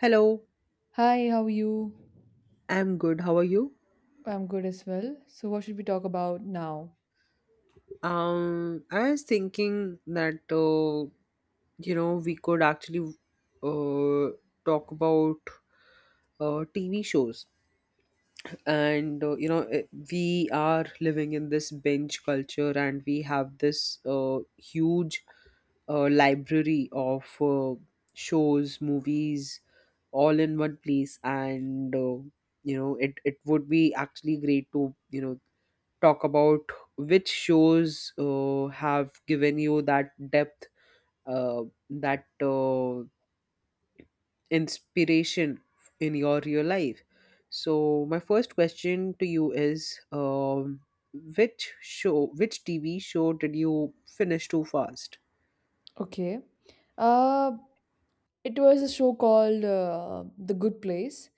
Hello, Hi, how are you? I'm good. How are you? I'm good as well. So, what should we talk about now? I was thinking that we could actually uh, talk about TV shows, and we are living in this binge culture, and we have this huge library of shows, movies, all in one place, and it would be actually great to you know talk about which shows have given you that depth, uh, that inspiration in your real life. So, my first question to you is which show, which TV show did you finish too fast? Okay. Uh, It was a show called The Good Place.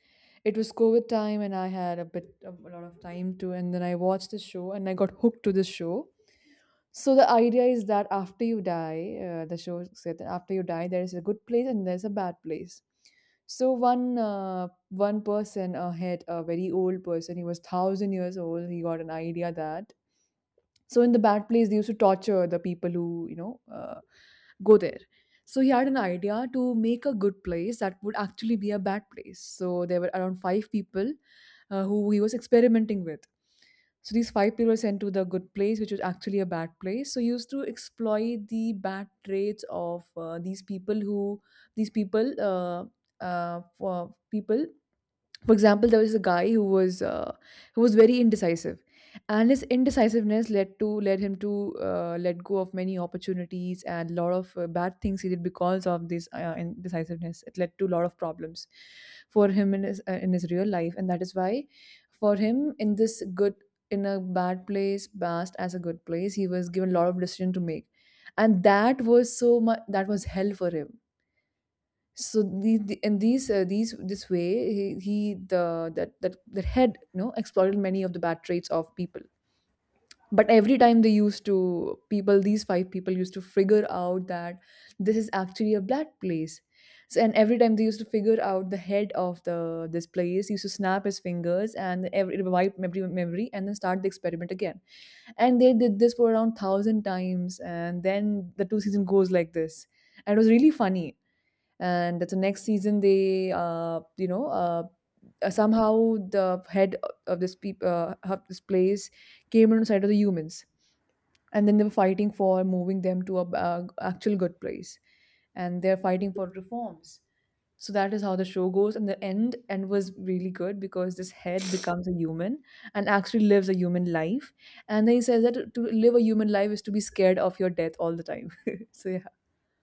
It was COVID time, and I had a bit of, a lot of time to. And then I watched the show, and I got hooked to the show. So the idea is that after you die, the show said that after you die, there is a good place and there's a bad place. So one person had a very old person. He was 1,000 years old. He got an idea that so in the bad place, they used to torture the people who go there. So he had an idea to make a good place that would actually be a bad place. So there were around five people who he was experimenting with. So these five people were sent to the good place, which was actually a bad place. So he used to exploit the bad traits of these people. Who these people for people For example, there was a guy who was very indecisive, and his indecisiveness led him to let go of many opportunities, and a lot of bad things he did because of this indecisiveness. It led to a lot of problems for him in his real life, and that is why for him in this good in a bad place past as a good place he was given a lot of decision to make, and that was so much that was hell for him. So the and these this way, he the that that that had exploited many of the bad traits of people. But every time they used to people these five people used to figure out that this is actually a bad place. So and every time they used to figure out, the head of the this place used to snap his fingers and every wipe memory, and then start the experiment again. And they did this for around 1,000 times, and then the two season goes like this. And it was really funny. And the next season they somehow, the head of this place came on the side of the humans, and then they were fighting for moving them to a actual good place, and they're fighting for reforms. So that is how the show goes, and the end was really good because this head becomes a human and actually lives a human life, and then he says that to live a human life is to be scared of your death all the time. So yeah.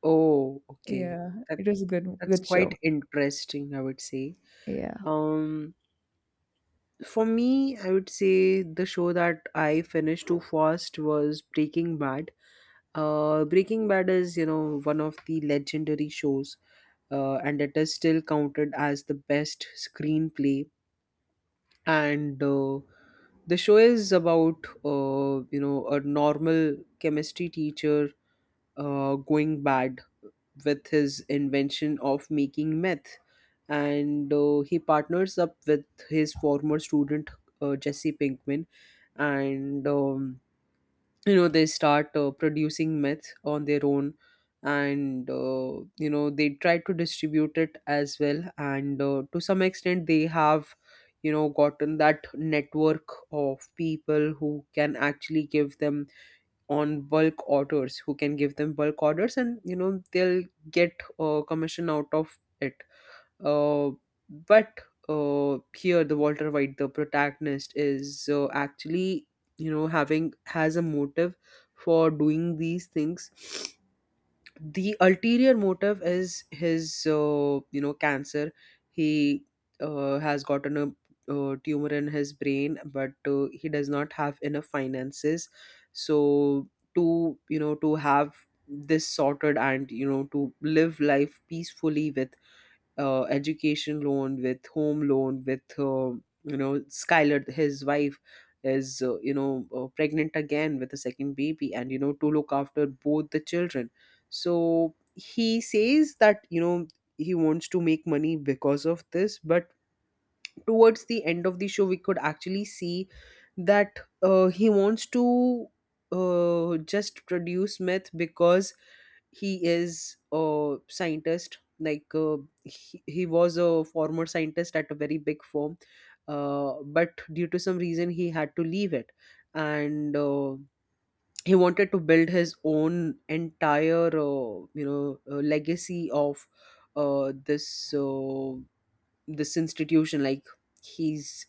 Oh, okay. Yeah, That, it was a good that's good show. quite interesting, I would say. Yeah. Um, for me, I would say the show that I finished too fast was Breaking Bad. Breaking Bad is, you know, one of the legendary shows, and it is still counted as the best screenplay. And the show is about, you know, a normal chemistry teacher going bad with his invention of making meth. And he partners up with his former student, Jesse Pinkman, and they start producing meth on their own and they try to distribute it as well, and to some extent they have gotten that network of people who can actually give them on bulk orders, who can give them bulk orders, and you know they'll get a commission out of it. Uh, but uh, here, the Walter White, the protagonist, is actually, you know, having has a motive for doing these things. The ulterior motive is his, cancer. He has gotten a tumor in his brain, but he does not have enough finances. So to to have this sorted, and to live life peacefully with education loan, with home loan, with skylar, his wife, is pregnant again with a second baby, and you know, to look after both the children. So he says that you know he wants to make money because of this, but towards the end of the show we could actually see that he wants to just produce myth because he is a scientist like he was a former scientist at a very big firm, but due to some reason he had to leave it. And he wanted to build his own entire legacy of uh, this uh, this institution, like he's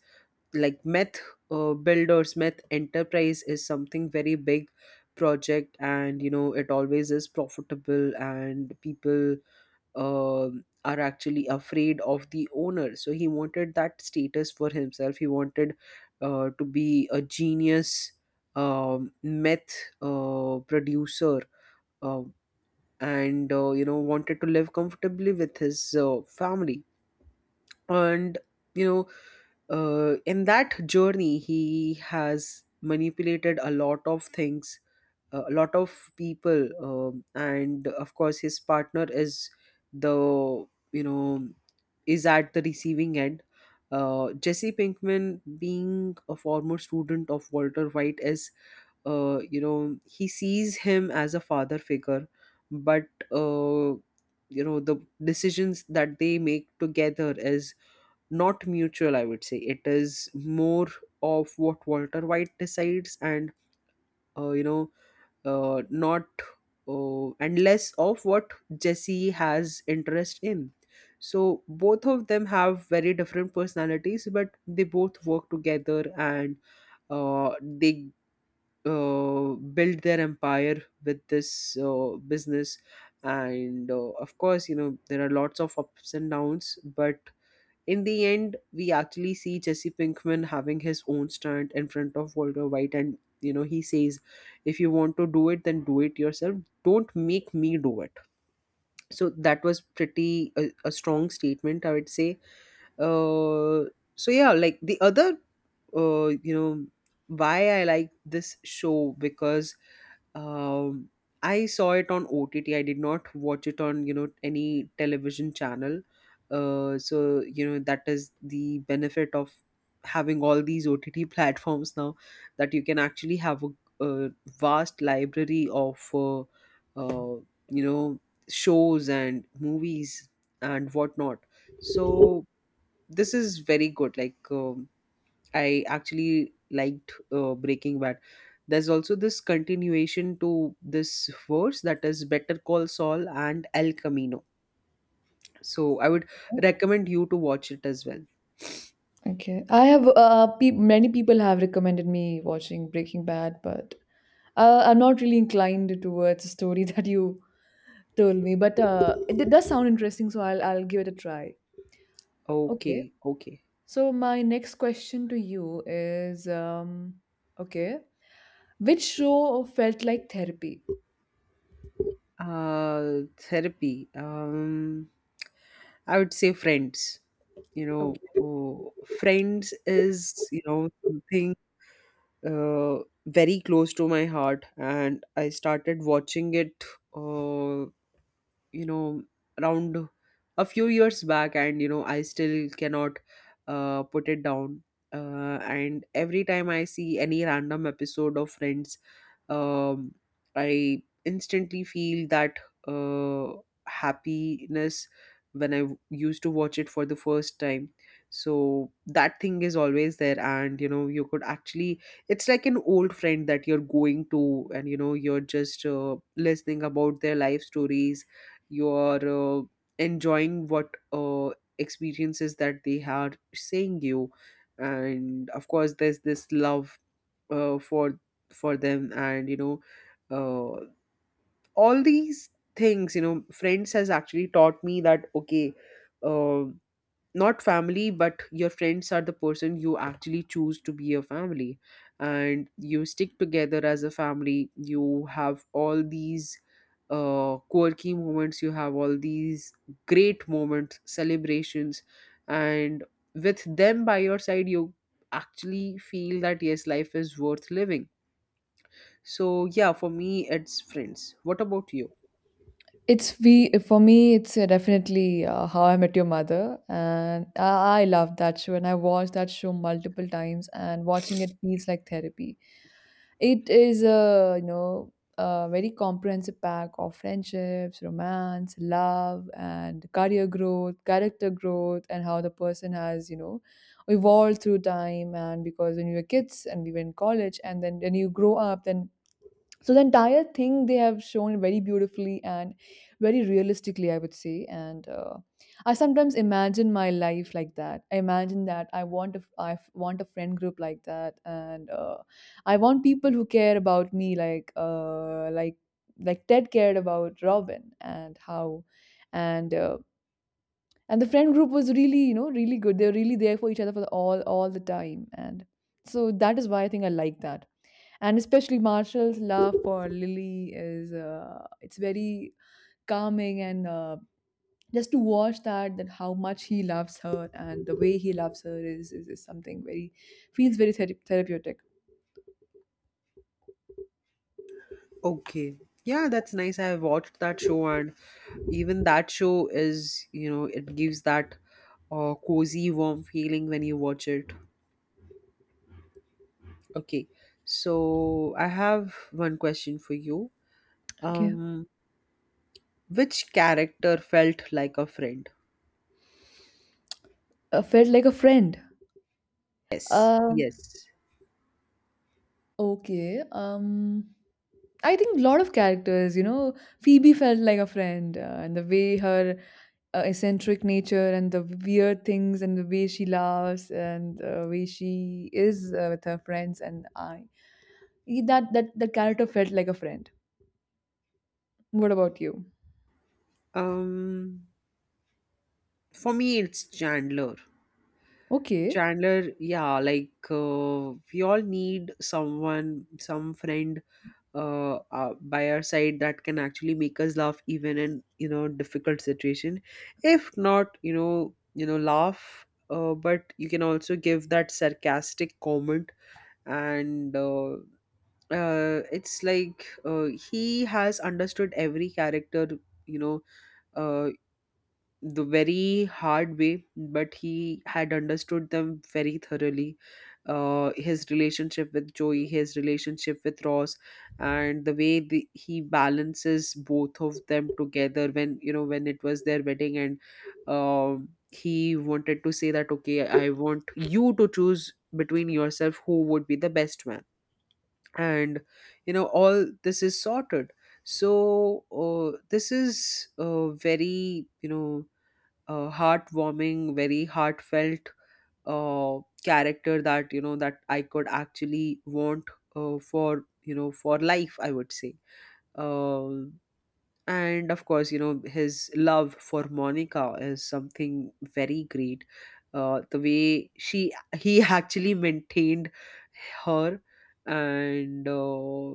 like meth builders, meth enterprise is something very big project, and you know it always is profitable, and people are actually afraid of the owner. So he wanted that status for himself. He wanted to be a genius, meth producer, uh, and you know wanted to live comfortably with his family, and you know in that journey he has manipulated a lot of things, a lot of people, and of course his partner is the you know is at the receiving end. Jesse Pinkman, being a former student of Walter White, is he sees him as a father figure, but uh, you know the decisions that they make together is not mutual, I would say. It is more of what Walter White decides, and you know not and less of what Jesse has interest in. So both of them have very different personalities, but they both work together, and they build their empire with this business, and of course you know there are lots of ups and downs, but in the end, we actually see Jesse Pinkman having his own stunt in front of Walter White, and you know, he says, "If you want to do it, then do it yourself. Don't make me do it." So that was pretty a strong statement, I would say. Uh, so, yeah, like the other, uh, you know, why I like this show, because um I saw it on OTT. I did not watch it on, you know, any television channel, so you know that is the benefit of having all these OTT platforms now, that you can actually have a vast library of uh you know shows and movies and whatnot. So this is very good. I actually liked Breaking Bad. There's also this continuation to this verse, that is Better Call Saul and El Camino. So I would recommend you to watch it as well. Okay. I have many people have recommended me watching Breaking Bad, but I'm not really inclined towards the story that you told me. But it does sound interesting, so I'll give it a try. Okay. Okay, okay. So my next question to you is okay, which show felt like therapy? Therapy. I would say friends. You know, Okay. oh, friends is you know something very close to my heart, and I started watching it. Uh, you know around a few years back, and you know I still cannot put it down, and every time I see any random episode of friends, um, I instantly feel that uh, happiness when I used to watch it for the first time. So that thing is always there, and you know, you could actually, it's like an old friend that you're going to, and you know, you're just listening about their life stories, you're enjoying what experiences that they are saying you. And of course, there's this love uh, for for them, and you know uh, all these things. You know friends has actually taught me that okay, uh, not family, but your friends are the person you actually choose to be a family, and you stick together as a family. You have all these quirky moments, you have all these great moments, celebrations, and with them by your side you actually feel that yes, life is worth living. So yeah, for me it's Friends. What about you? It's we for me. It's definitely How I Met Your Mother, and I love that show. And I watched that show multiple times, and watching it feels like therapy. It is a you know a very comprehensive pack of friendships, romance, love, and career growth, character growth, and how the person has evolved through time. And because when we were kids and we were in college, and then when you grow up, then so the entire thing they have shown very beautifully and very realistically, I would say. And I sometimes imagine my life like that. I imagine that I want a friend group like that, and I want people who care about me, like like Ted cared about Robin. And how and uh, and the friend group was really, really good. They are really there for each other, for the, all the time. And so that is why I think I like that. And especially Marshall's love for Lily is it's very calming. And just to watch that how much he loves her, and the way he loves her is something very feels very therapeutic. Okay. Yeah, that's nice. I watched that show, and even that show is, you know, it gives that cozy warm feeling when you watch it. Okay. So I have one question for you. Okay, Um which character felt like a friend? Felt like a friend. Yes. Uh, Yes. Okay, I think a lot of characters, Phoebe felt like a friend, and the way her eccentric nature and the weird things and the way she laughs and the way she is with her friends. And I that that the character felt like a friend. What about you? Um for me it's Chandler. Okay. Chandler, yeah, like we all need someone, some friend by our side that can actually make us laugh even in you know difficult situation. If not, you know, laugh, but you can also give that sarcastic comment, and it's like he has understood every character, you know, uh, the very hard way, but he had understood them very thoroughly. His relationship with Joey, his relationship with Ross, and the way he balances both of them together, when you know when it was their wedding, and he wanted to say that okay, I want you to choose between yourself who would be the best man, and you know all this is sorted. So this is very you know heartwarming, very heartfelt, uh, character that you know that I could actually want for you know for life, I would say. Um and of course, you know his love for Monica is something very great. The way she he actually maintained her, and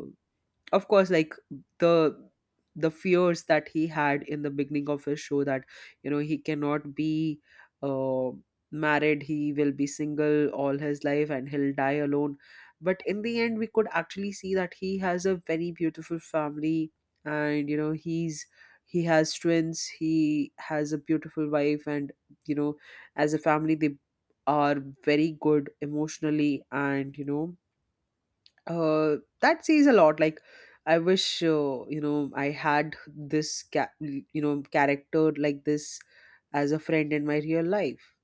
of course, like the the fears that he had in the beginning of his show, that you know he cannot be uh, married, he will be single all his life and he'll die alone. But in the end we could actually see that he has a very beautiful family, and you know he has twins, he has a beautiful wife, and you know as a family they are very good emotionally. And you know that says a lot, like I wish I had this you know character like this as a friend in my real life.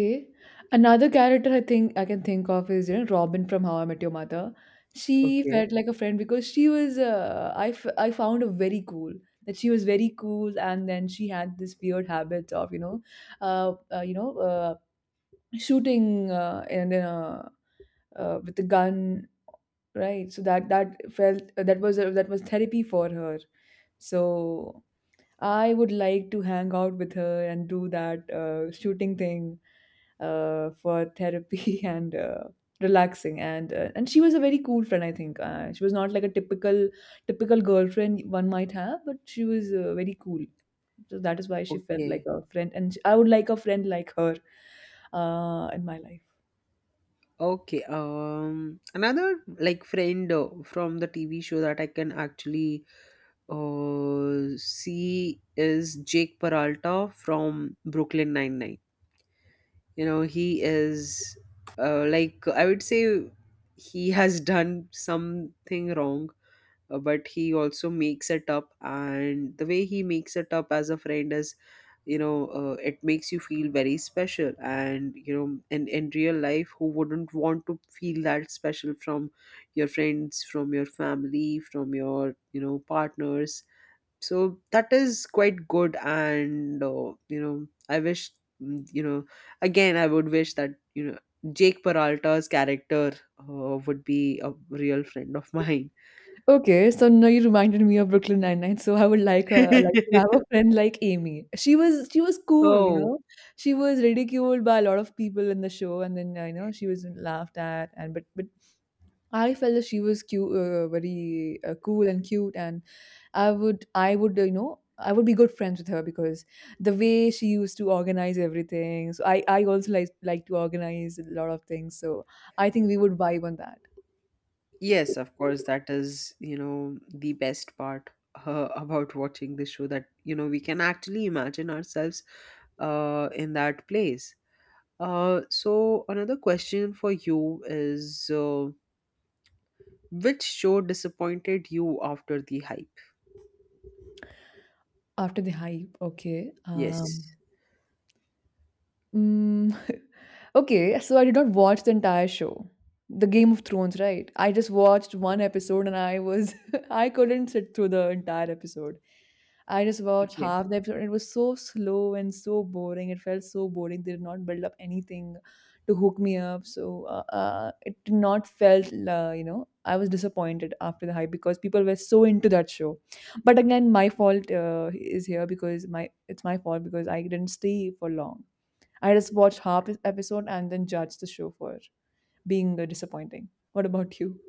Okay. Another character I think I can think of is Robin from How I Met Your Mother. She Okay. felt like a friend because she I found her very cool. That she was very cool, and then she had this weird habit of uh, uh, you know uh, shooting and with a gun, right? So that felt, that was therapy for her. So I would like to hang out with her and do that shooting thing for therapy and relaxing. And she was a very cool friend. I think she was not like a typical girlfriend one might have, but she was very cool. So that is why she felt like Okay. a friend, and I would like a friend like her in my life. Okay. Another like friend from the TV show that I can actually see is Jake Peralta from Brooklyn Nine Nine. You know he is I would say he has done something wrong, but he also makes it up, and the way he makes it up as a friend is, you know, it makes you feel very special. And you know in real life who wouldn't want to feel that special from your friends, from your family, from your you know partners. So that is quite good, and you know I wish mm, you know again, I would wish that you know Jake Peralta's character would be a real friend of mine. Okay, so now you reminded me of Brooklyn Nine-Nine. So I would like to have a friend like Amy. She was cool, you Oh, know. She was ridiculed by a lot of people in the show, and then she was laughed at. And but I felt that she was cute, very cool and cute. And I would you know I would be good friends with her because the way she used to organize everything. So I also like to organize a lot of things. So I think we would vibe on that. yes, of course. That is, you know, the best part about watching the show, that, you know, we can actually imagine ourselves in that place. So, another question for you is which show disappointed you after the hype? After the hype. Okay. Yes. Mm, okay, so I did not watch the entire show. The Game of Thrones, right? I just watched one episode, and I was I couldn't sit through the entire episode. I just watched Okay. half the episode, and it was so slow and so boring. It felt so boring. They did not build up anything to hook me up. So it did not felt, I was disappointed after the hype because people were so into that show. But again, my fault is here because my it's my fault because I didn't stay for long. I just watched half an episode and then judged the show for being disappointing. What about you?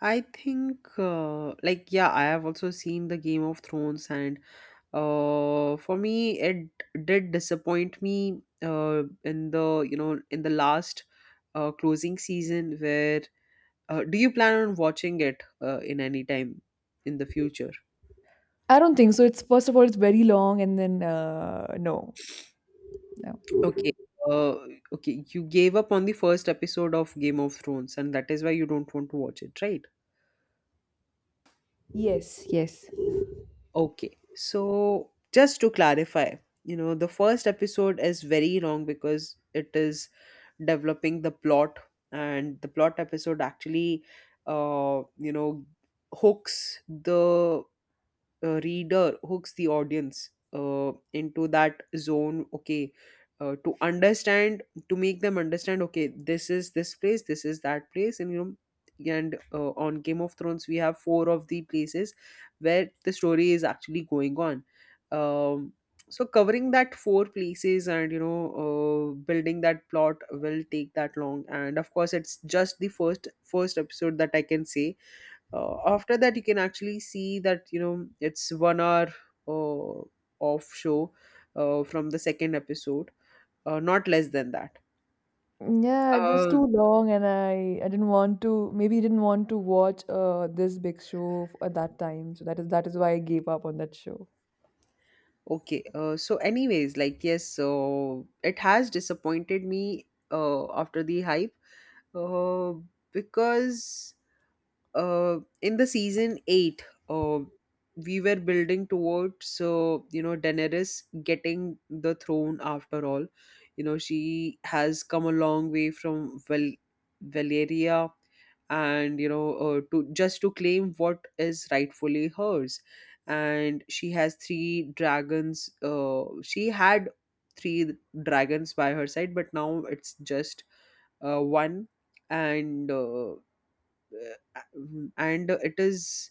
I think, yeah, I have also seen the Game of Thrones, and for me it did disappoint me in the in the last closing season where do you plan on watching it in any time in the future? I don't think so. It's first of all, it's very long, and then no, no. Okay. uh, okay, you gave up on the first episode of Game of Thrones, and that is why you don't want to watch it, right? Yes, yes. Okay, so just to clarify, you know, the first episode is very long because it is developing the plot, and the plot episode actually, you know, hooks the reader, hooks the audience into that zone, okay, to understand, to make them understand, okay, this is this place, this is that place, and you know. And on Game of Thrones we have four of the places where the story is actually going on. um, so covering that four places, and you know, building that plot will take that long. And of course, it's just the first episode that I can say. After that you can actually see that, you know, it's 1 hour uh, off show from the second episode, not less than that. Yeah, it was too um long, and I didn't want to. Maybe didn't want to watch this big show at that time. So that is why I gave up on that show. okay. So anyways, like, yes, so it has disappointed me after the hype, uh, because in the season eight, we were building towards you know, Daenerys getting the throne. After all, you know, she has come a long way from Valeria, and you know, to just to claim what is rightfully hers. And she has three dragons. She had three dragons by her side, but now it's just one. And and it is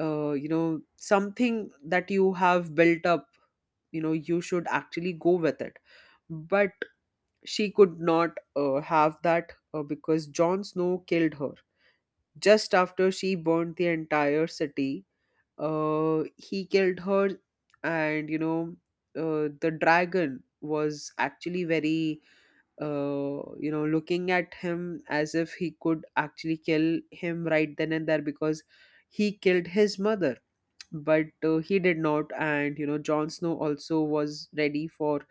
you know, something that you have built up, you know, you should actually go with it, but she could not have that, because Jon Snow killed her just after she burned the entire city. He killed her, and you know, the dragon was actually very you know, looking at him as if he could actually kill him right then and there, because he killed his mother. But he did not, and you know, Jon Snow also was ready for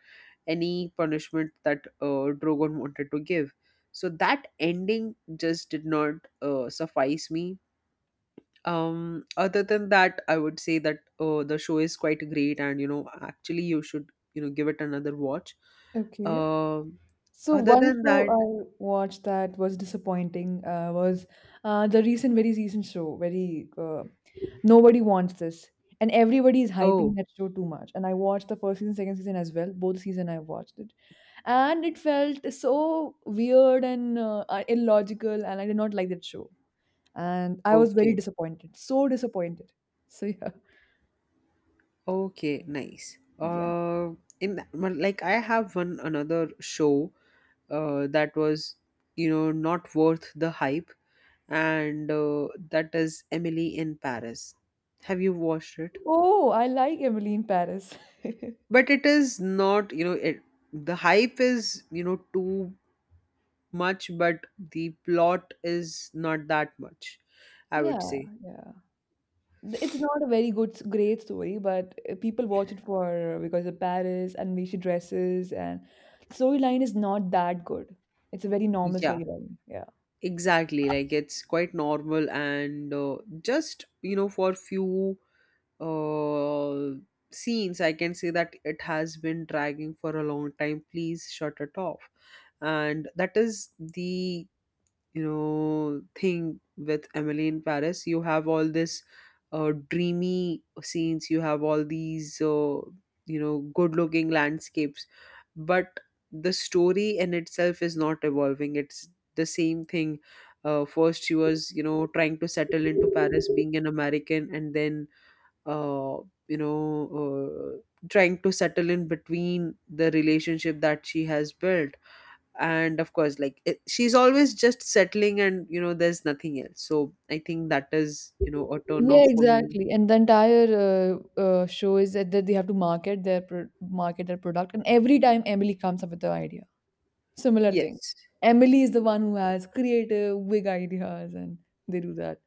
any punishment that Drogon wanted to give. So that ending just did not suffice me. Other than that, I would say that the show is quite great, and you know, actually you should, you know, give it another watch. Okay. Um So other one than show that I watched that was disappointing was the recent, very recent show, very Nobody wants this. And everybody is hyping Oh. that show too much. And I watched the first season, second season as well. Both season I watched it. And it felt so weird and illogical. And I did not like that show. And I was very Okay. disappointed. So disappointed. So yeah. Okay, nice. Yeah. In, well, like, I have one another show that was, you know, not worth the hype, and that is Emily in Paris. Have you watched it? Oh, I like Emily in Paris. Yeah. But it is not, you know, it, the hype is, you know, too much, but the plot is not that much, I would say. Yeah. It's not a very good, great story, but people watch it for because of Paris and Vichy dresses, and storyline is not that good. It's a very normal Yeah, storyline. Yeah. exactly. Like it's quite normal, and just, you know, for few uh, scenes, I can say that it has been dragging for a long time. Please shut it off. And that is the, you know, thing with Emily in Paris. You have all this dreamy scenes. You have all these you know, good-looking landscapes, but the story in itself is not evolving. It's the same thing. First, she was, you know, trying to settle into Paris, being an American, and then uh, you know, uh, trying to settle in between the relationship that she has built. And of course, like it, she's always just settling, and you know, there's nothing else. So I think that is, you know, a turn Yeah, off for me. exactly. And the entire show is that they have to market their product, and every time Emily comes up with the idea, similar thing. Yes, Emily is the one who has creative, big ideas, and they do that.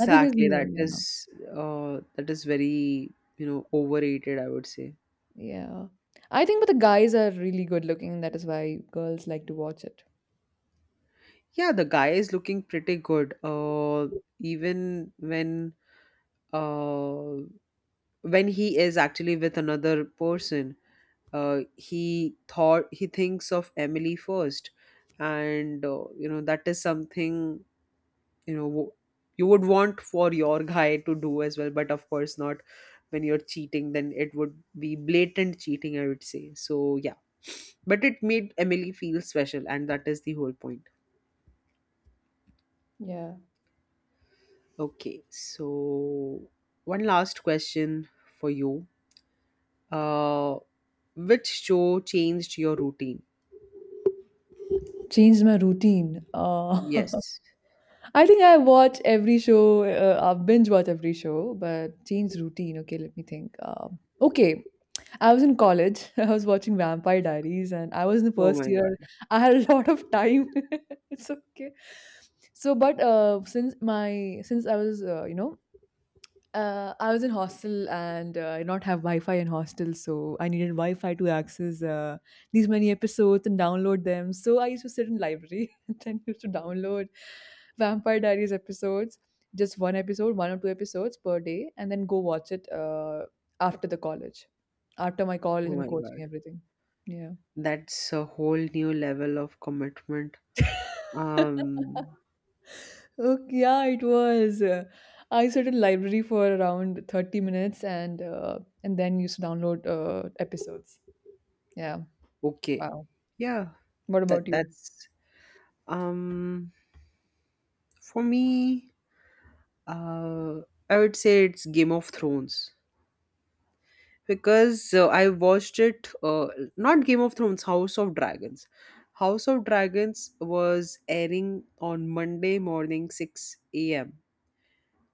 I think it's new. Yeah. That is very, you know, overrated, I would say. Yeah. I think but the guys are really good looking. That is why girls like to watch it. Yeah, the guy is looking pretty good. Even uh, when he is actually with another person, he thinks of Emily first, and you know, that is something, you know, you would want for your guy to do as well, but of course not when you're cheating. Then it would be blatant cheating, I would say. So yeah, but it made Emily feel special, and that is the whole point. Yeah. Okay, so one last question for you. Uh, which show changed your routine? Changed my routine. Yes. I think I watch every show. I binge watch every show, but change routine. Okay, let me think. Okay. I was in college. I was watching Vampire Diaries, and I was in the Oh first my year. god. I had a lot of time. It's okay. So, but since my since I was in hostel, and I did not have Wi-Fi in hostel, so I needed Wi-Fi to access these many episodes and download them. So I used to sit in library and then used to download Vampire Diaries episodes, just one episode, one or two episodes per day, and then go watch it after the college, after my college Oh and my god. coaching everything. Yeah. That's a whole new level of commitment. Um, Okay, yeah, it was. I sat in library for around 30 minutes, and and then used to download episodes. Yeah. okay. Wow. Yeah, What about that you? that's um for me, uh I would say it's Game of Thrones, because I watched it, not Game of Thrones, House of Dragons. House of Dragons was airing on Monday morning 6 a.m.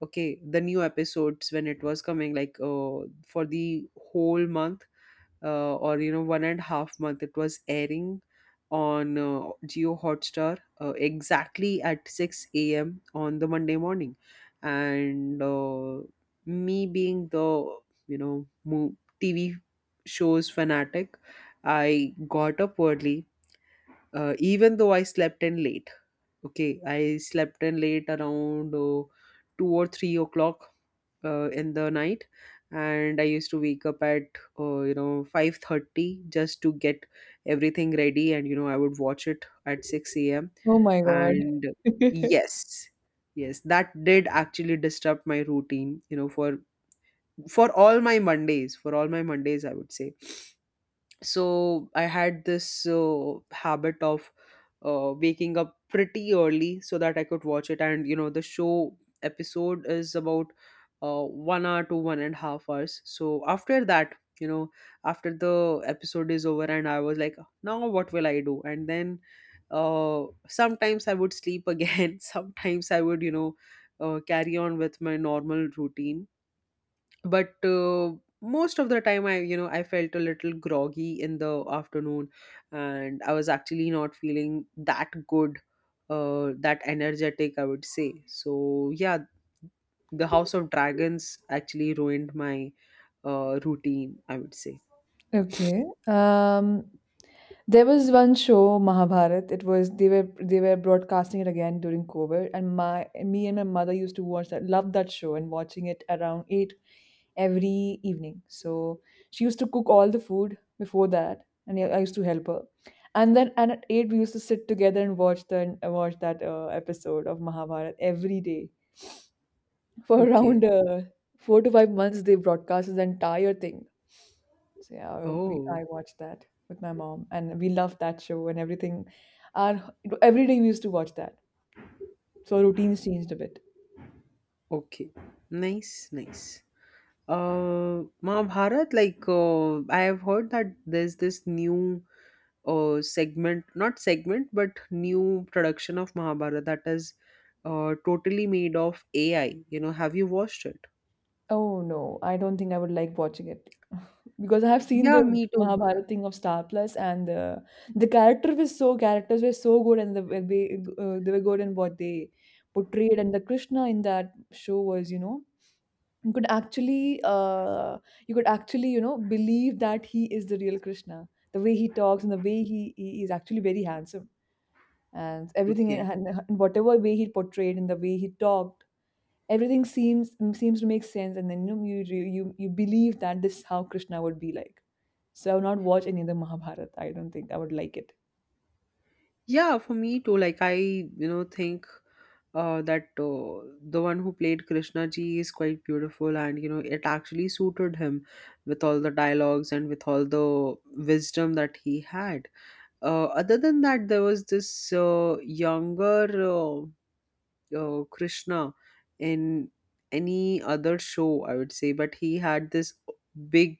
Okay, the new episodes, when it was coming, like for the whole month or you know, 1.5 month, it was airing on Geo Hotstar, exactly at 6 a.m on the Monday morning. And me being the, you know, TV shows fanatic, I got up early, even though I slept in late. Okay, I slept in late around 2 or 3 o'clock in the night, and I used to wake up at you know, 5:30, just to get everything ready, and you know, I would watch it at 6 a.m. Oh my God. And yes, yes, that did actually disrupt my routine, you know, for all my Mondays, for all my Mondays, I would say. So I had this habit of waking up pretty early so that I could watch it. And you know, the show episode is about 1 hour to 1.5 hours. So after that, you know, after the episode is over, and I was like, now what will I do? And then sometimes I would sleep again. Sometimes I would, you know, carry on with my normal routine, but most of the time, I, you know, I felt a little groggy in the afternoon, and I was actually not feeling that good, that energetic, I would say. So yeah, the House of Dragons actually ruined my routine, I would say. Okay. There was one show, Mahabharat. It was they were broadcasting it again during COVID, and my me and my mother used to watch that, love that show, and watching it around 8 every evening. So she used to cook all the food before that, and I used to help her. And at 8 we used to sit together and watch the watch that episode of Mahabharat every day, for Okay. around 4 to 5 months. They broadcast this entire thing. So yeah, we Oh, I watched that with my mom, and we loved that show and everything. And every day we used to watch that, so our routines changed a bit. okay, nice, nice. Mahabharat, like, I have heard that there's this new not segment, but new production of Mahabharata that is totally made of AI. You know, have you watched it? Oh no, I don't think I would like watching it because I have seen Yeah, the me too. Mahabharata thing of Star Plus, and the character was so characters were so good, and they were good in what they portrayed. And the Krishna in that show was, you could actually believe that he is the real Krishna, the way he talks, and the way he is actually very handsome, and everything in, Okay. and whatever way he portrayed, and the way he talked, everything seems to make sense, and then you believe that this is how Krishna would be like. So I would not watch any other Mahabharata. I don't think I would like it. Yeah, for me too. Like I, you know, think that the one who played Krishna ji is quite beautiful, and you know, it actually suited him with all the dialogues and with all the wisdom that he had. Other than that, there was this younger. Krishna in any other show, I would say, but he had this big,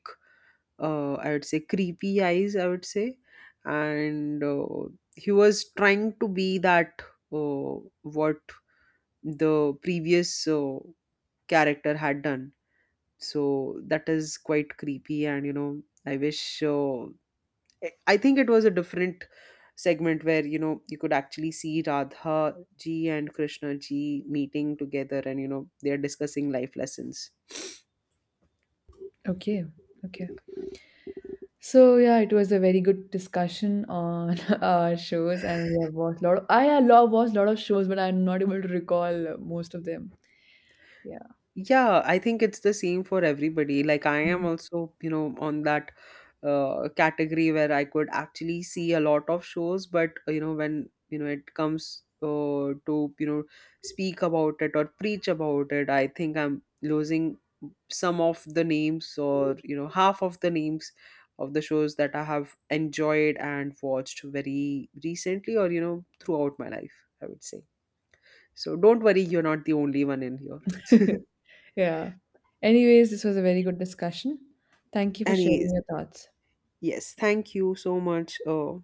I would say, creepy eyes, I would say, and he was trying to be that uh, what the previous character had done. So that is quite creepy, and you know, I wish I think it was a different segment where, you know, you could actually see Radha ji and Krishna ji meeting together, and you know, they're discussing life lessons. Okay. Okay. So yeah, it was a very good discussion on our shows, and we have watched a lot. I have watched a lot of shows, but I'm not able to recall most of them. Yeah, Yeah, I think it's the same for everybody. Like I am also, you know, on that category where I could actually see a lot of shows, but you know, when, you know, it comes to, you know, speak about it or preach about it, I think I'm losing some of the names, or you know, half of the names of the shows that I have enjoyed and watched very recently, or you know, throughout my life, I would say. So don't worry, you're not the only one in here. yeah. Anyways, this was a very good discussion. Thank you for Anyways. sharing your thoughts. Yes, thank you so much